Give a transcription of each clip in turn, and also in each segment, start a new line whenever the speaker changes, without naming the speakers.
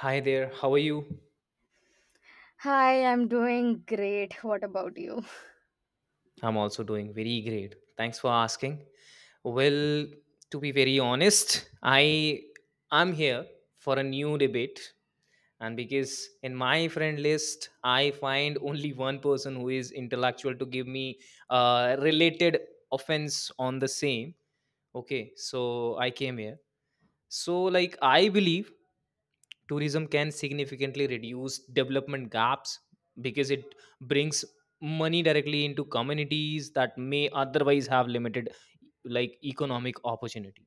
Hi there, how are you?
Hi, I'm doing great. What about you?
I'm also doing very great. Thanks for asking. Well, to be very honest, I'm here for a new debate, and because in my friend list I find only one person who is intellectual to give me related offense on the same. Okay, so I came here. I believe tourism can significantly reduce development gaps because it brings money directly into communities that may otherwise have limited, like, economic opportunity.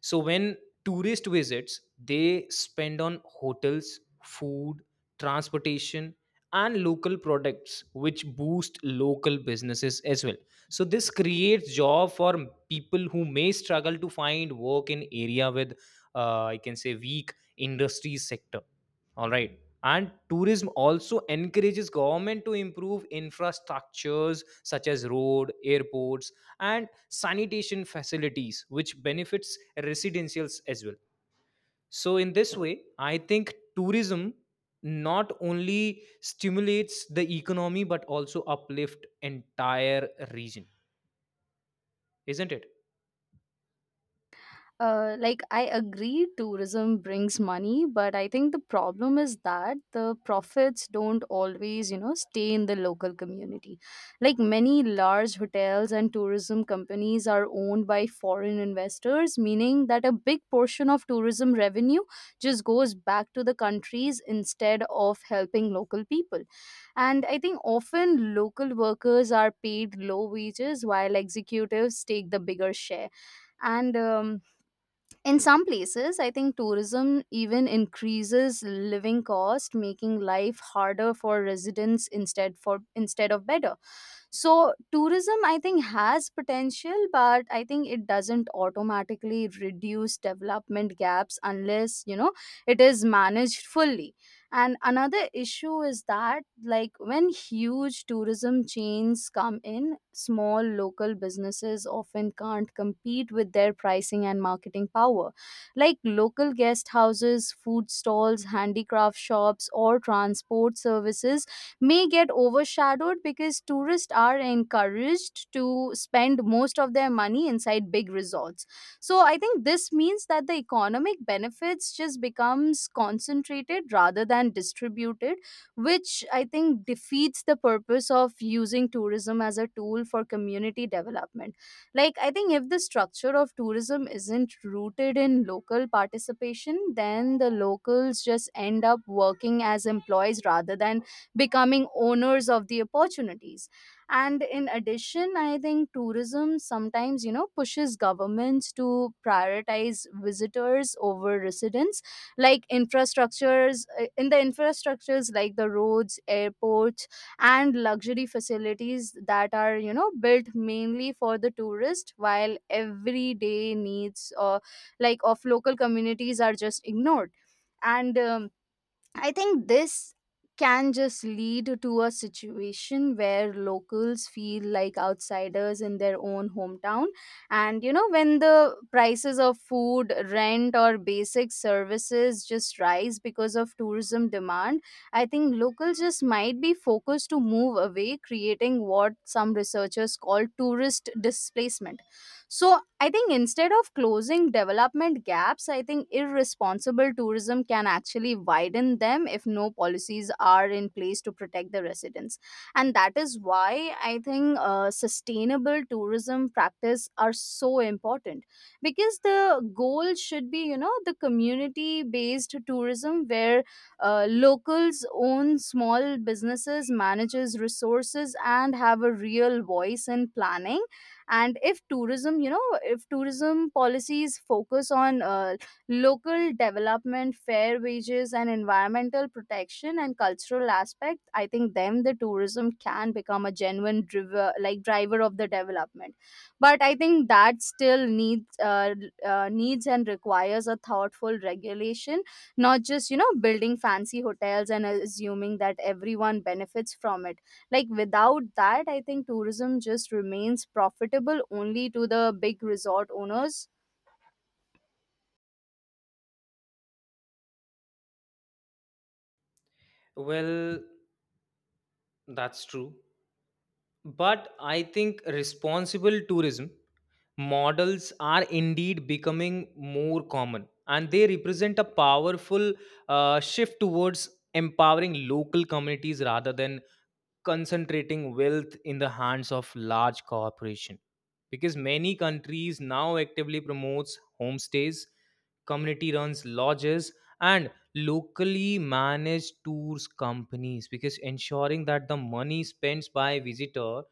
So when tourist visits, they spend on hotels, food, transportation, and local products, which boost local businesses as well. So this creates job for people who may struggle to find work in area with, I can say, weak industry sector. All right, and tourism also encourages government to improve infrastructures such as road, airports, and sanitation facilities, which benefits residentials as well. So in this way I think tourism not only stimulates the economy but also uplift entire region, isn't it?
Like I agree tourism brings money, but I think the problem is that the profits don't always, you know, stay in the local community. Like many large hotels and tourism companies are owned by foreign investors, meaning that a big portion of tourism revenue just goes back to the countries instead of helping local people. And I think often local workers are paid low wages while executives take the bigger share. And In some places I think tourism even increases living cost, making life harder for residents instead for instead of better. So tourism, I think, has potential, but I think it doesn't automatically reduce development gaps unless, you know, it is managed fully. And another issue is that, like, when huge tourism chains come in, small local businesses often can't compete with their pricing and marketing power. Like, local guest houses, food stalls, handicraft shops, or transport services may get overshadowed because tourists are encouraged to spend most of their money inside big resorts. So I think this means that the economic benefits just becomes concentrated rather than distributed, which I think defeats the purpose of using tourism as a tool for community development. Like, I think if the structure of tourism isn't rooted in local participation, then the locals just end up working as employees rather than becoming owners of the opportunities. And in addition, I think tourism sometimes, you know, pushes governments to prioritize visitors over residents. Like infrastructures, in the infrastructures like the roads, airports, and luxury facilities that are, you know, built mainly for the tourist, while everyday needs or like of local communities are just ignored. And I think this can just lead to a situation where locals feel like outsiders in their own hometown. And you know, when the prices of food, rent, or basic services just rise because of tourism demand, I think locals just might be focused to move away, creating what some researchers call tourist displacement. So, I think instead of closing development gaps, I think irresponsible tourism can actually widen them if no policies are in place to protect the residents. And that is why I think sustainable tourism practice are so important, because the goal should be, you know, the community based tourism where locals own small businesses, manages resources, and have a real voice in planning. And if tourism, you know, if tourism policies focus on local development, fair wages, and environmental protection and cultural aspect, I think then the tourism can become a genuine driver, like driver of the development. But I think that still needs needs and requires a thoughtful regulation, not just, you know, building fancy hotels and assuming that everyone benefits from it. Like without that, I think tourism just remains profitable only to the big resort owners.
Well, that's true, but I think responsible tourism models are indeed becoming more common, and they represent a powerful shift towards empowering local communities rather than concentrating wealth in the hands of large corporation, because many countries now actively promotes homestays, community runs lodges, and locally managed tours companies, because ensuring that the money spent by visitor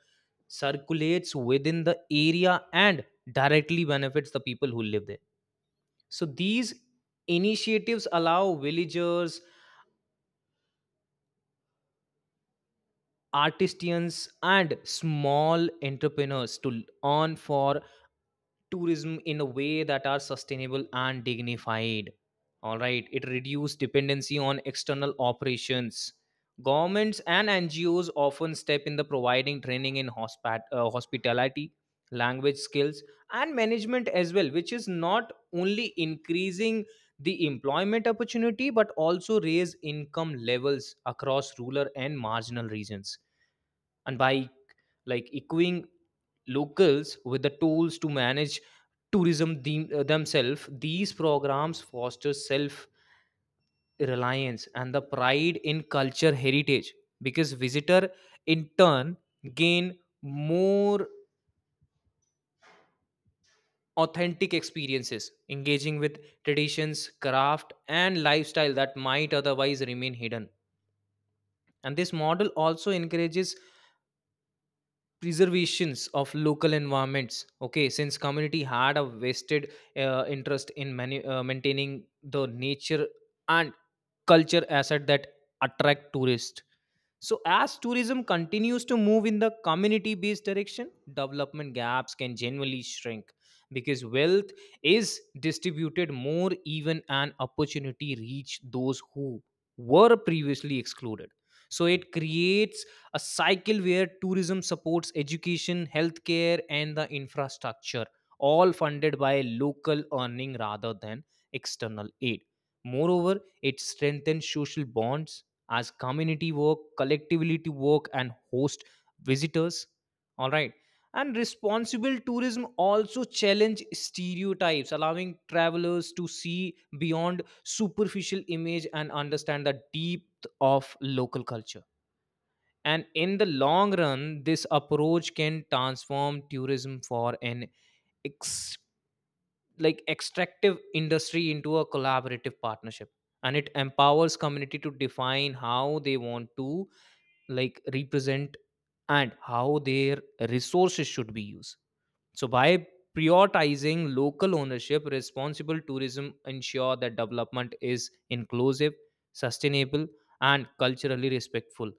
circulates within the area and directly benefits the people who live there. So these initiatives allow villagers, artisans, and small entrepreneurs to earn for tourism in a way that are sustainable and dignified. All right, it reduces dependency on external operations. Governments and NGOs often step in the providing training in hospitality, language skills, and management as well, which is not only increasing the employment opportunity but also raise income levels across rural and marginal regions. And by, like, equipping locals with the tools to manage tourism themselves, these programs foster self reliance and the pride in culture heritage, because visitor, in turn, gain more authentic experiences, engaging with traditions, craft, and lifestyle that might otherwise remain hidden. And this model also encourages preservations of local environments. Okay, since community had a vested interest in maintaining the nature and culture asset that attract tourists. So, as tourism continues to move in the community based direction, development gaps can genuinely shrink because wealth is distributed more even and opportunity reach those who were previously excluded. So, it creates a cycle where tourism supports education, healthcare, and the infrastructure, all funded by local earning rather than external aid. Moreover, it strengthens social bonds as community work collectivity work and host visitors. All right, and responsible tourism also challenge stereotypes, allowing travelers to see beyond superficial image and understand the depth of local culture. And in the long run, this approach can transform tourism for an ex- like extractive industry into a collaborative partnership, and it empowers community to define how they want to, like, represent, and how their resources should be used. So by prioritizing local ownership, responsible tourism ensure that development is inclusive, sustainable, and culturally respectful.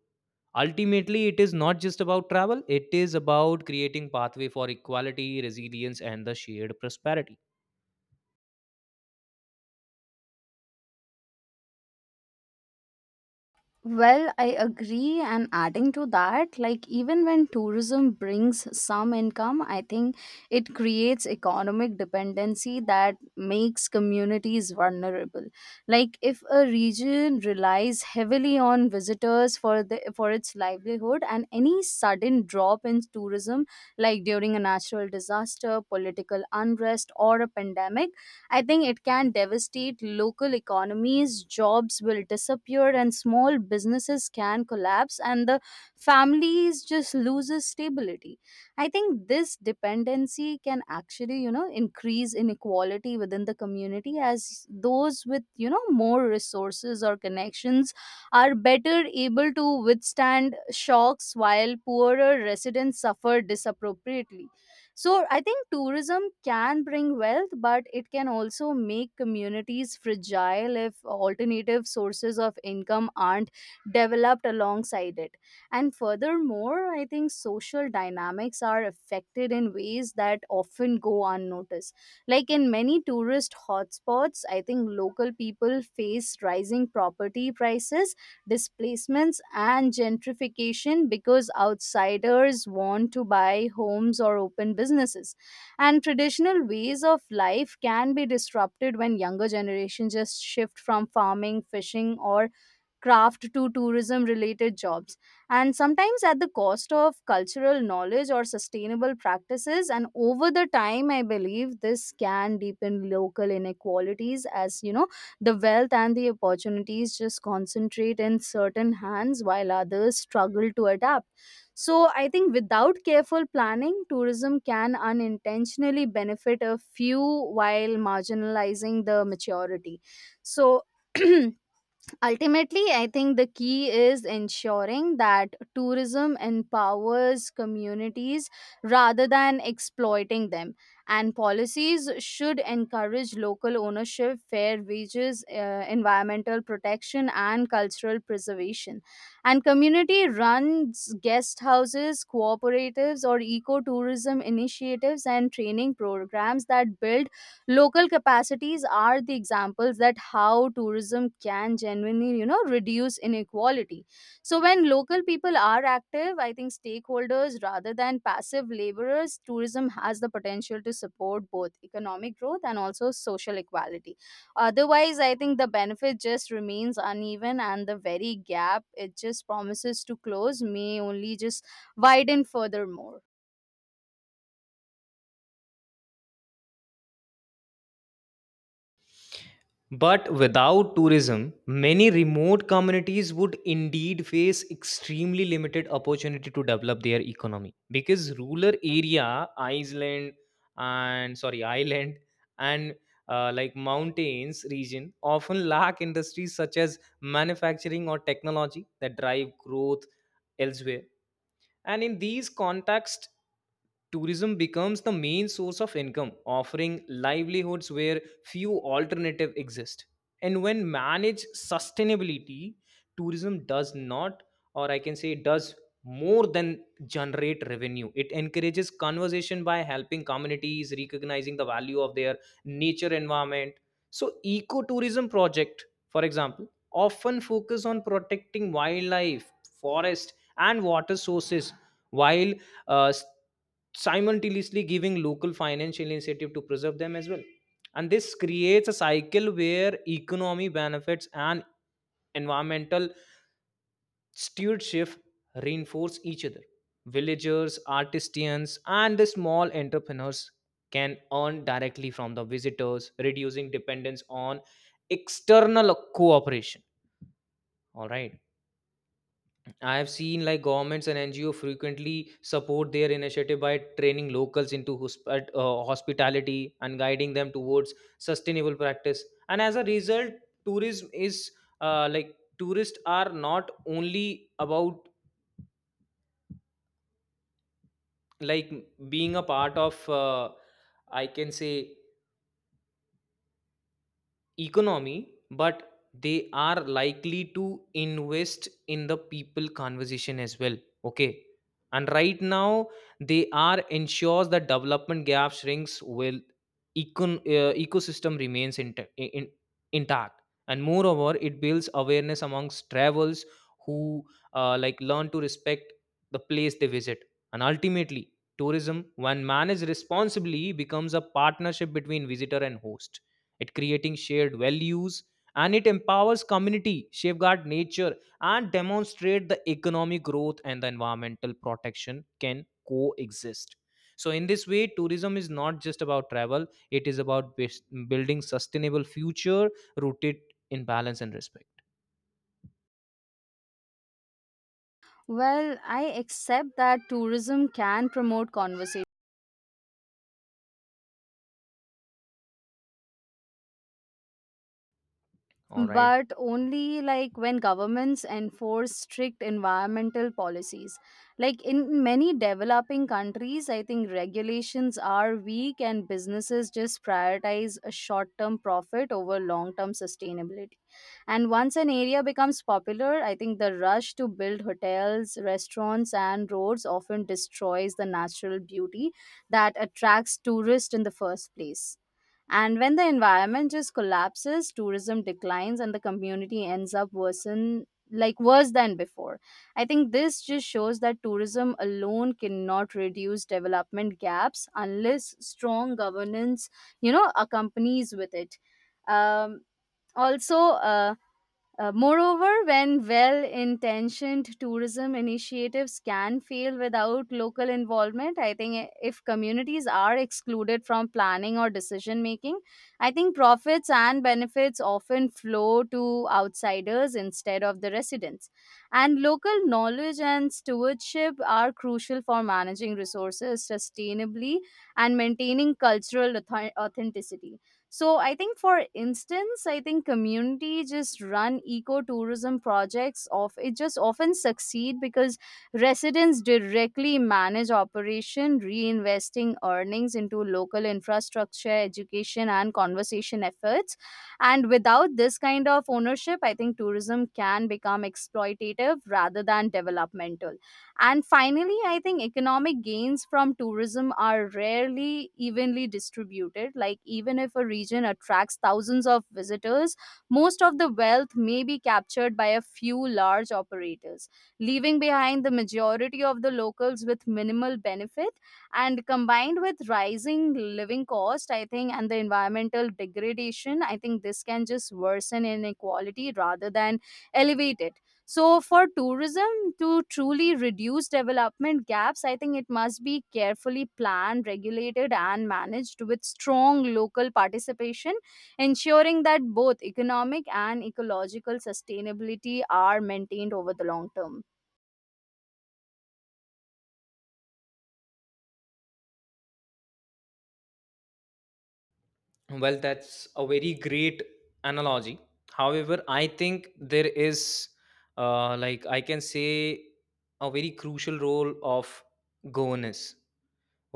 Ultimately, it is not just about travel, it is about creating pathway for equality, resilience, and the shared prosperity.
Well, I agree. And adding to that, like even when tourism brings some income, I think it creates economic dependency that makes communities vulnerable. Like if a region relies heavily on visitors for the for its livelihood, and any sudden drop in tourism, like during a natural disaster, political unrest, or a pandemic, I think it can devastate local economies, jobs will disappear and small businesses can collapse and the families just loses stability. I think this dependency can actually, you know, increase inequality within the community as those with, you know, more resources or connections are better able to withstand shocks while poorer residents suffer disappropriately. So I think tourism can bring wealth, but it can also make communities fragile if alternative sources of income aren't developed alongside it. And furthermore, I think social dynamics are affected in ways that often go unnoticed. Like in many tourist hotspots, I think local people face rising property prices, displacements, and gentrification because outsiders want to buy homes or open businesses, and traditional ways of life can be disrupted when younger generations just shift from farming, fishing, or craft to tourism related jobs, and sometimes at the cost of cultural knowledge or sustainable practices. And over the time I believe this can deepen local inequalities, as you know, the wealth and the opportunities just concentrate in certain hands while others struggle to adapt. So I think without careful planning, tourism can unintentionally benefit a few while marginalizing the majority. So ultimately, I think the key is ensuring that tourism empowers communities rather than exploiting them. And policies should encourage local ownership, fair wages, environmental protection, and cultural preservation. And community runs guest houses, cooperatives, or ecotourism initiatives and training programs that build local capacities are the examples that how tourism can genuinely, you know, reduce inequality. So when local people are active, I think, stakeholders rather than passive laborers, tourism has the potential to support both economic growth and also social equality. Otherwise, I think the benefit just remains uneven and the very gap it just promises to close may only just widen furthermore.
But without tourism, many remote communities would indeed face extremely limited opportunity to develop their economy because rural area, Iceland, and sorry, island, and like mountains region often lack industries such as manufacturing or technology that drive growth elsewhere. And in these contexts, tourism becomes the main source of income, offering livelihoods where few alternative exist. And when managed sustainability, tourism does not, or I can say does more than generate revenue. It encourages conversation by helping communities recognizing the value of their nature environment. So ecotourism project, for example, often focus on protecting wildlife, forest, and water sources, while uh, s- simultaneously giving local financial incentive to preserve them as well. And this creates a cycle where economy benefits and environmental stewardship reinforce each other. Villagers, artisans, and the small entrepreneurs can earn directly from the visitors, reducing dependence on external cooperation. All right, I have seen like governments and NGO frequently support their initiative by training locals into hospitality and guiding them towards sustainable practice. And as a result, tourism is tourists are not only about, like, being a part of, I can say, economy, but they are likely to invest in the people conversation as well. Okay. And right now, they are ensures that development gap shrinks while ecosystem remains intact. And moreover, it builds awareness amongst travelers who like learn to respect the place they visit. And ultimately, tourism, when managed responsibly, becomes a partnership between visitor and host, it creating shared values, and it empowers community safeguard nature and demonstrate the economic growth and the environmental protection can coexist. So in this way, tourism is not just about travel, it is about building sustainable future, rooted in balance and respect.
Well, I accept that tourism can promote conversation,
All right.
but only like when governments enforce strict environmental policies. Like in many developing countries, I think regulations are weak and businesses just prioritize a short term profit over long term sustainability. And once an area becomes popular, I think the rush to build hotels, restaurants, and roads often destroys the natural beauty that attracts tourists in the first place. And when the environment just collapses, tourism declines and the community ends up worsen, like worse than before. I think this just shows that tourism alone cannot reduce development gaps unless strong governance, you know, accompanies with it. Um, also, uh, Moreover, when well intentioned tourism initiatives can fail without local involvement, I think if communities are excluded from planning or decision making, I think profits and benefits often flow to outsiders instead of the residents. And local knowledge and stewardship are crucial for managing resources sustainably and maintaining cultural authenticity. So I think for instance, I think community just run ecotourism projects of it just often succeed because residents directly manage operation, reinvesting earnings into local infrastructure, education, and conservation efforts. And without this kind of ownership, I think tourism can become exploitative rather than developmental. And finally, I think economic gains from tourism are rarely evenly distributed. Like, even if a region attracts thousands of visitors, most of the wealth may be captured by a few large operators, leaving behind the majority of the locals with minimal benefit. And combined with rising living cost, I think, and the environmental degradation, I think this can just worsen inequality rather than elevate it. So, for tourism to truly reduce development gaps, I think it must be carefully planned, regulated, and managed with strong local participation, ensuring that both economic and ecological sustainability are maintained over the long term.
Well, that's a very great analogy. However, I think there is, like I can say, a very crucial role of governance.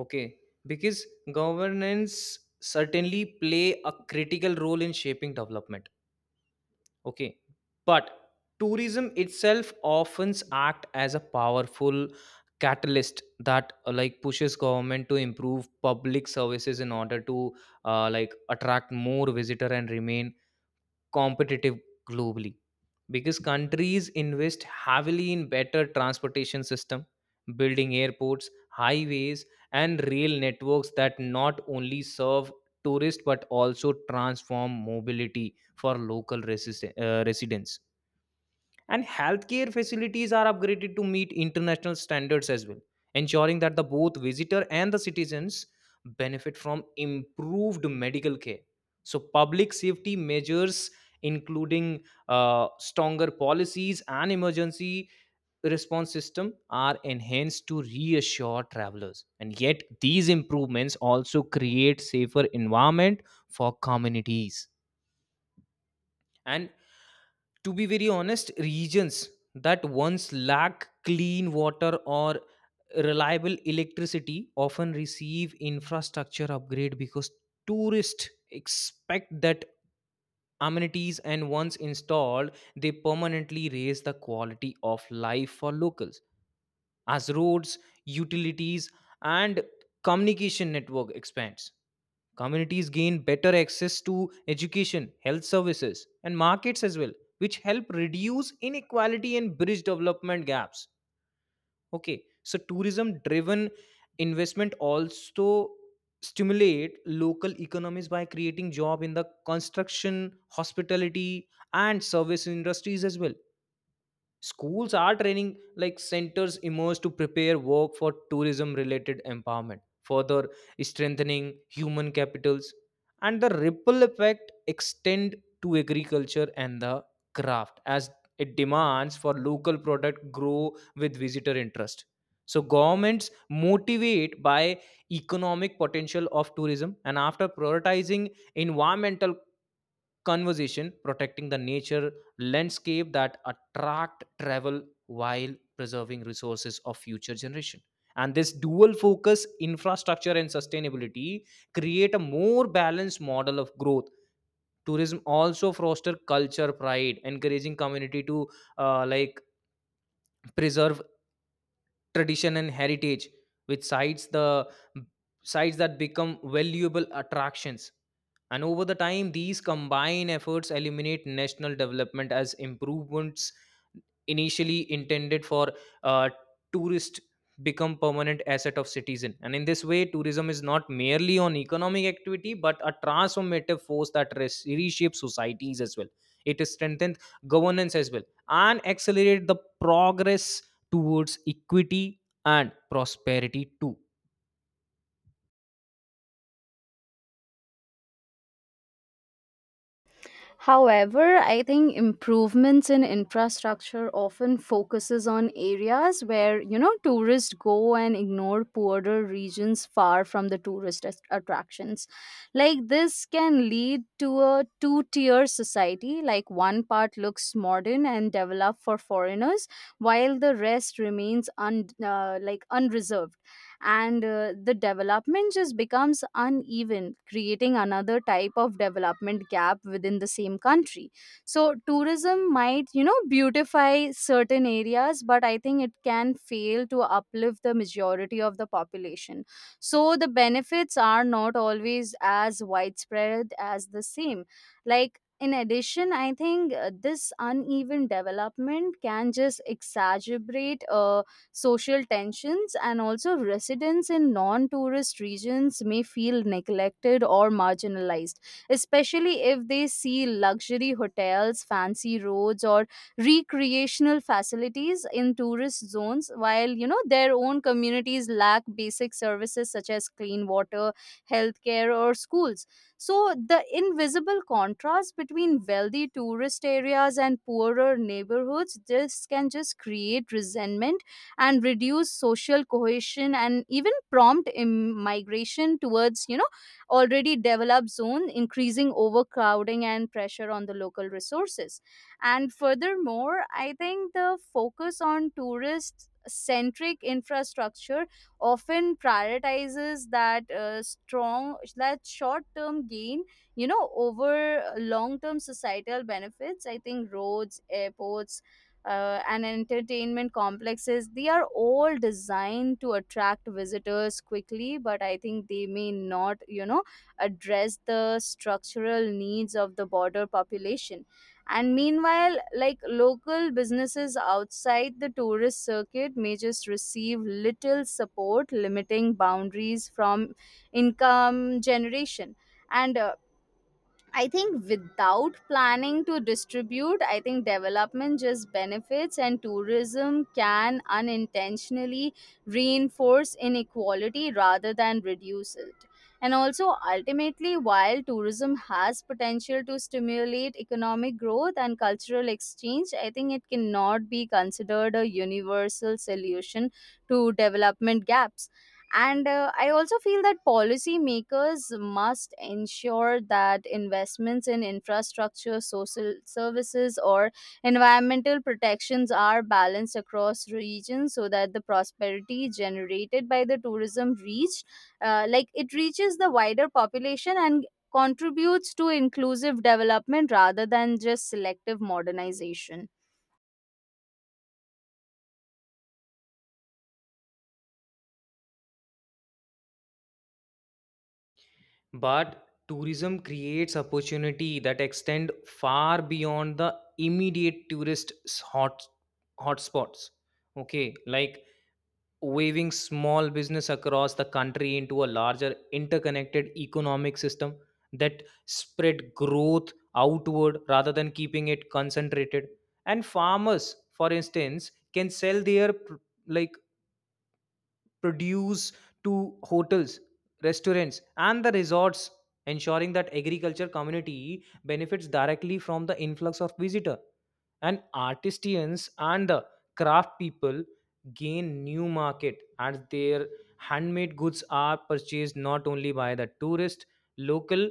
Okay, because governance certainly play a critical role in shaping development. Okay, but tourism itself often act as a powerful catalyst that, like, pushes government to improve public services in order to, like, attract more visitor and remain competitive globally, because countries invest heavily in better transportation system, building airports, highways, and rail networks that not only serve tourists but also transform mobility for local residents. And healthcare facilities are upgraded to meet international standards as well, ensuring that the both visitor and the citizens benefit from improved medical care. So public safety measures, including stronger policies and emergency response system, are enhanced to reassure travelers, and yet these improvements also create safer environment for communities. And to be very honest, regions that once lack clean water or reliable electricity often receive infrastructure upgrade because tourists expect that amenities, and once installed they permanently raise the quality of life for locals. As roads, utilities, and communication network expands, communities gain better access to education, health services, and markets as well, which help reduce inequality and bridge development gaps. Okay, so tourism driven investment also stimulate local economies by creating job in the construction, hospitality, and service industries as well. Schools are training like centers emerge to prepare work for tourism related empowerment, further strengthening human capitals, and the ripple effect extend to agriculture and the craft as it demands for local product grow with visitor interest. So governments motivate by economic potential of tourism and after prioritizing environmental conservation, protecting the nature landscape that attract travel while preserving resources of future generation. And this dual focus, infrastructure and sustainability, create a more balanced model of growth. Tourism also foster culture pride, encouraging community to like preserve tradition and heritage, which sites that become valuable attractions. And over the time, these combined efforts eliminate national development as improvements initially intended for uh, tourist become permanent asset of citizen. And in this way, tourism is not merely on economic activity but a transformative force that reshapes societies as well. It strengthens governance as well and accelerate the progress towards equity and prosperity too.
However, I think improvements in infrastructure often focuses on areas where, you know, tourists go and ignore poorer regions far from the tourist attractions. Like this can lead to a two-tier society, like one part looks modern and developed for foreigners while the rest remains like unreserved. And the development just becomes uneven, creating another type of development gap within the same country. So tourism might, you know, beautify certain areas, but I think it can fail to uplift the majority of the population. So the benefits are not always as widespread as the same. Like in addition, I think this uneven development can just exaggerate social tensions, and also residents in non tourist regions may feel neglected or marginalized, especially if they see luxury hotels, fancy roads, or recreational facilities in tourist zones, while, you know, their own communities lack basic services such as clean water, healthcare, or schools. So, the invisible contrast between wealthy tourist areas and poorer neighborhoods, this can just create resentment and reduce social cohesion and even prompt migration towards, you know, already developed zone, increasing overcrowding and pressure on the local resources. And furthermore, I think the focus on tourist centric infrastructure often prioritizes that short term gain, you know, over long term societal benefits. I think roads, airports, and entertainment complexes, they are all designed to attract visitors quickly, but I think they may not, you know, address the structural needs of the border population. And meanwhile, like local businesses outside the tourist circuit may just receive little support, limiting boundaries from income generation. And I think without planning to distribute, I think development just benefits and tourism can unintentionally reinforce inequality rather than reduce it. And also, ultimately, while tourism has potential to stimulate economic growth and cultural exchange, I think it cannot be considered a universal solution to development gaps. And I also feel that policymakers must ensure that investments in infrastructure, social services, or environmental protections are balanced across regions, so that the prosperity generated by the tourism reach, like it reaches the wider population and contributes to inclusive development rather than just selective modernization.
But tourism creates opportunity that extend far beyond the immediate tourist hot hotspots. Okay, like waving small business across the country into a larger interconnected economic system that spread growth outward rather than keeping it concentrated. And farmers, for instance, can sell their like produce to hotels, restaurants, and the resorts, ensuring that agriculture community benefits directly from the influx of visitor. And artisans and the craft people gain new market as their handmade goods are purchased not only by the tourist, local,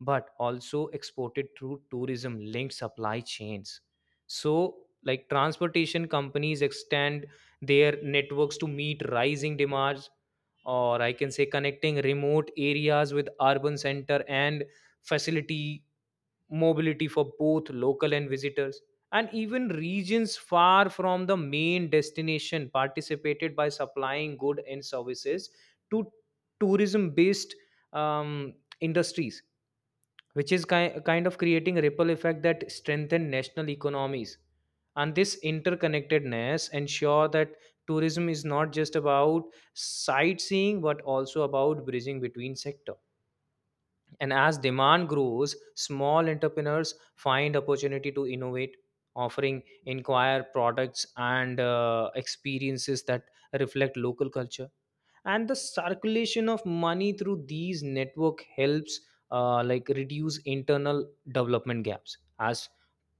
but also exported through tourism linked supply chains. So, like, transportation companies extend their networks to meet rising demands, or I can say connecting remote areas with urban center and facility mobility for both local and visitors. And even regions far from the main destination participated by supplying good and services to tourism based, um, industries, which is kind of creating a ripple effect that strengthen national economies. And this interconnectedness ensure that tourism is not just about sightseeing but also about bridging between sector. And as demand grows, small entrepreneurs find opportunity to innovate, offering inquire products and experiences that reflect local culture. And the circulation of money through these network helps like reduce internal development gaps as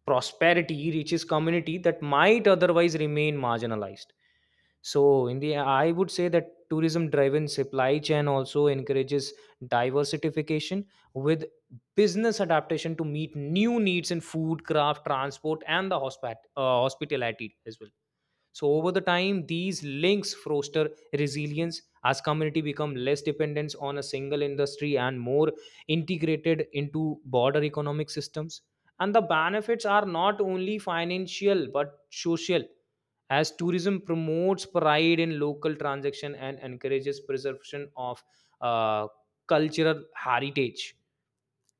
prosperity reaches community that might otherwise remain marginalized. So in the, I would say that tourism driven supply chain also encourages diversification, with business adaptation to meet new needs in food, craft, transport, and the hospitality as well. So over the time, these links foster resilience as community become less dependence on a single industry and more integrated into broader economic systems. And the benefits are not only financial but social, as tourism promotes pride in local transaction and encourages preservation of uh, cultural heritage,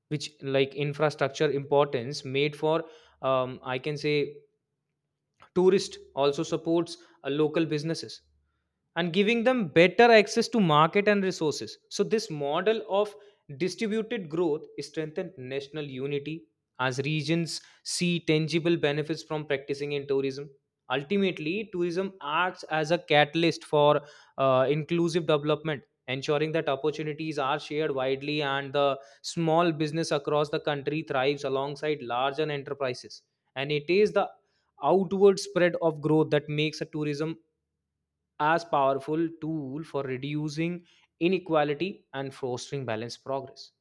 which like infrastructure importance made for, I can say, tourist also supports local businesses and giving them better access to market and resources. So this model of distributed growth strengthened national unity as regions see tangible benefits from practicing in tourism. Ultimately, tourism acts as a catalyst for inclusive development, ensuring that opportunities are shared widely and the small business across the country thrives alongside larger enterprises. And it is the outward spread of growth that makes a tourism as powerful tool for reducing inequality and fostering balanced progress.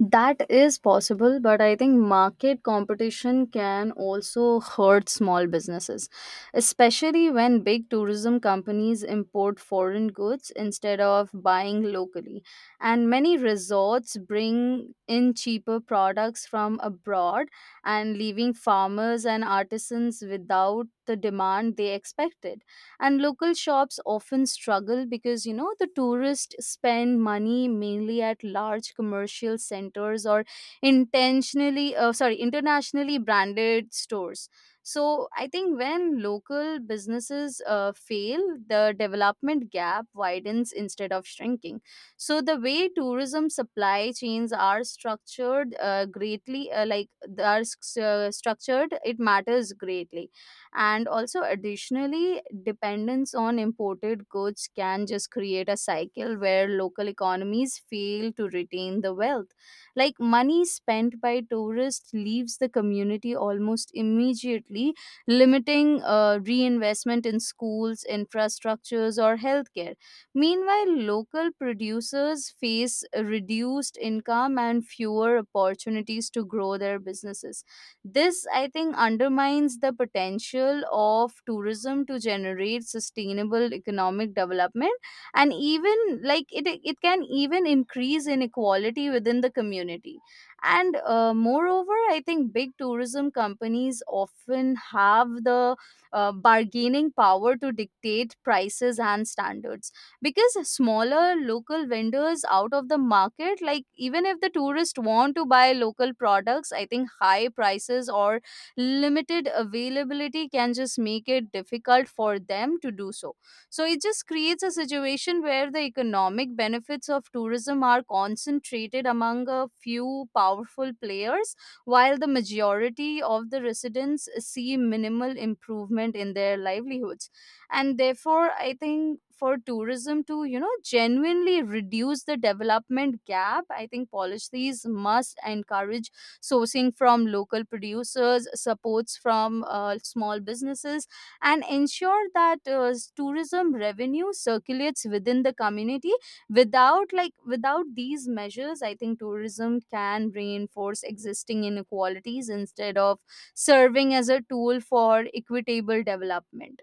That is possible, but I think market competition can also hurt small businesses, especially when big tourism companies import foreign goods instead of buying locally. And many resorts bring in cheaper products from abroad and leaving farmers and artisans without the demand they expected. And local shops often struggle because, you know, the tourists spend money mainly at large commercial centers or intentionally, sorry, internationally branded stores. So I think when local businesses fail, the development gap widens instead of shrinking. So the way tourism supply chains are structured, greatly like they are s- structured, it matters greatly. And also additionally, dependence on imported goods can just create a cycle where local economies fail to retain the wealth. Like money spent by tourists leaves the community almost immediately, limiting reinvestment in schools, infrastructures, or healthcare. Meanwhile, local producers face reduced income and fewer opportunities to grow their businesses. This, I think, undermines the potential of tourism to generate sustainable economic development. And even like it can even increase inequality within the community. And moreover, I think big tourism companies often have the bargaining power to dictate prices and standards, because smaller local vendors out of the market. Like even if the tourists want to buy local products, I think high prices or limited availability can just make it difficult for them to do so. So it just creates a situation where the economic benefits of tourism are concentrated among a few powerful players, while the majority of the residents see minimal improvement in their livelihoods. And therefore I think for tourism to, you know, genuinely reduce the development gap, I think policies must encourage sourcing from local producers, supports from small businesses, and ensure that tourism revenue circulates within the community. Without these measures, I think tourism can reinforce existing inequalities instead of serving as a tool for equitable development.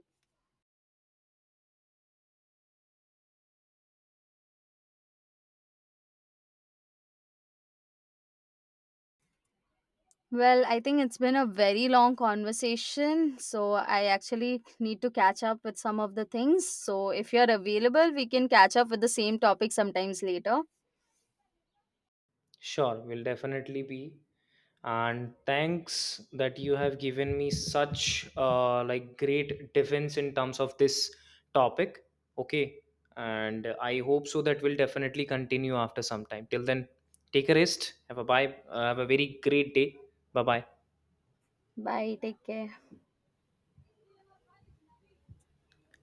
Well, I think it's been a very long conversation, so I actually need to catch up with some of the things. So, if you're available, we can catch up with the same topic sometimes later.
Sure, will definitely be. And thanks that you have given me such like great defense in terms of this topic. Okay, and I hope so that we'll definitely continue after some time. Till then, take a rest, have a bye have a very great day. Bye bye.
Bye, take care.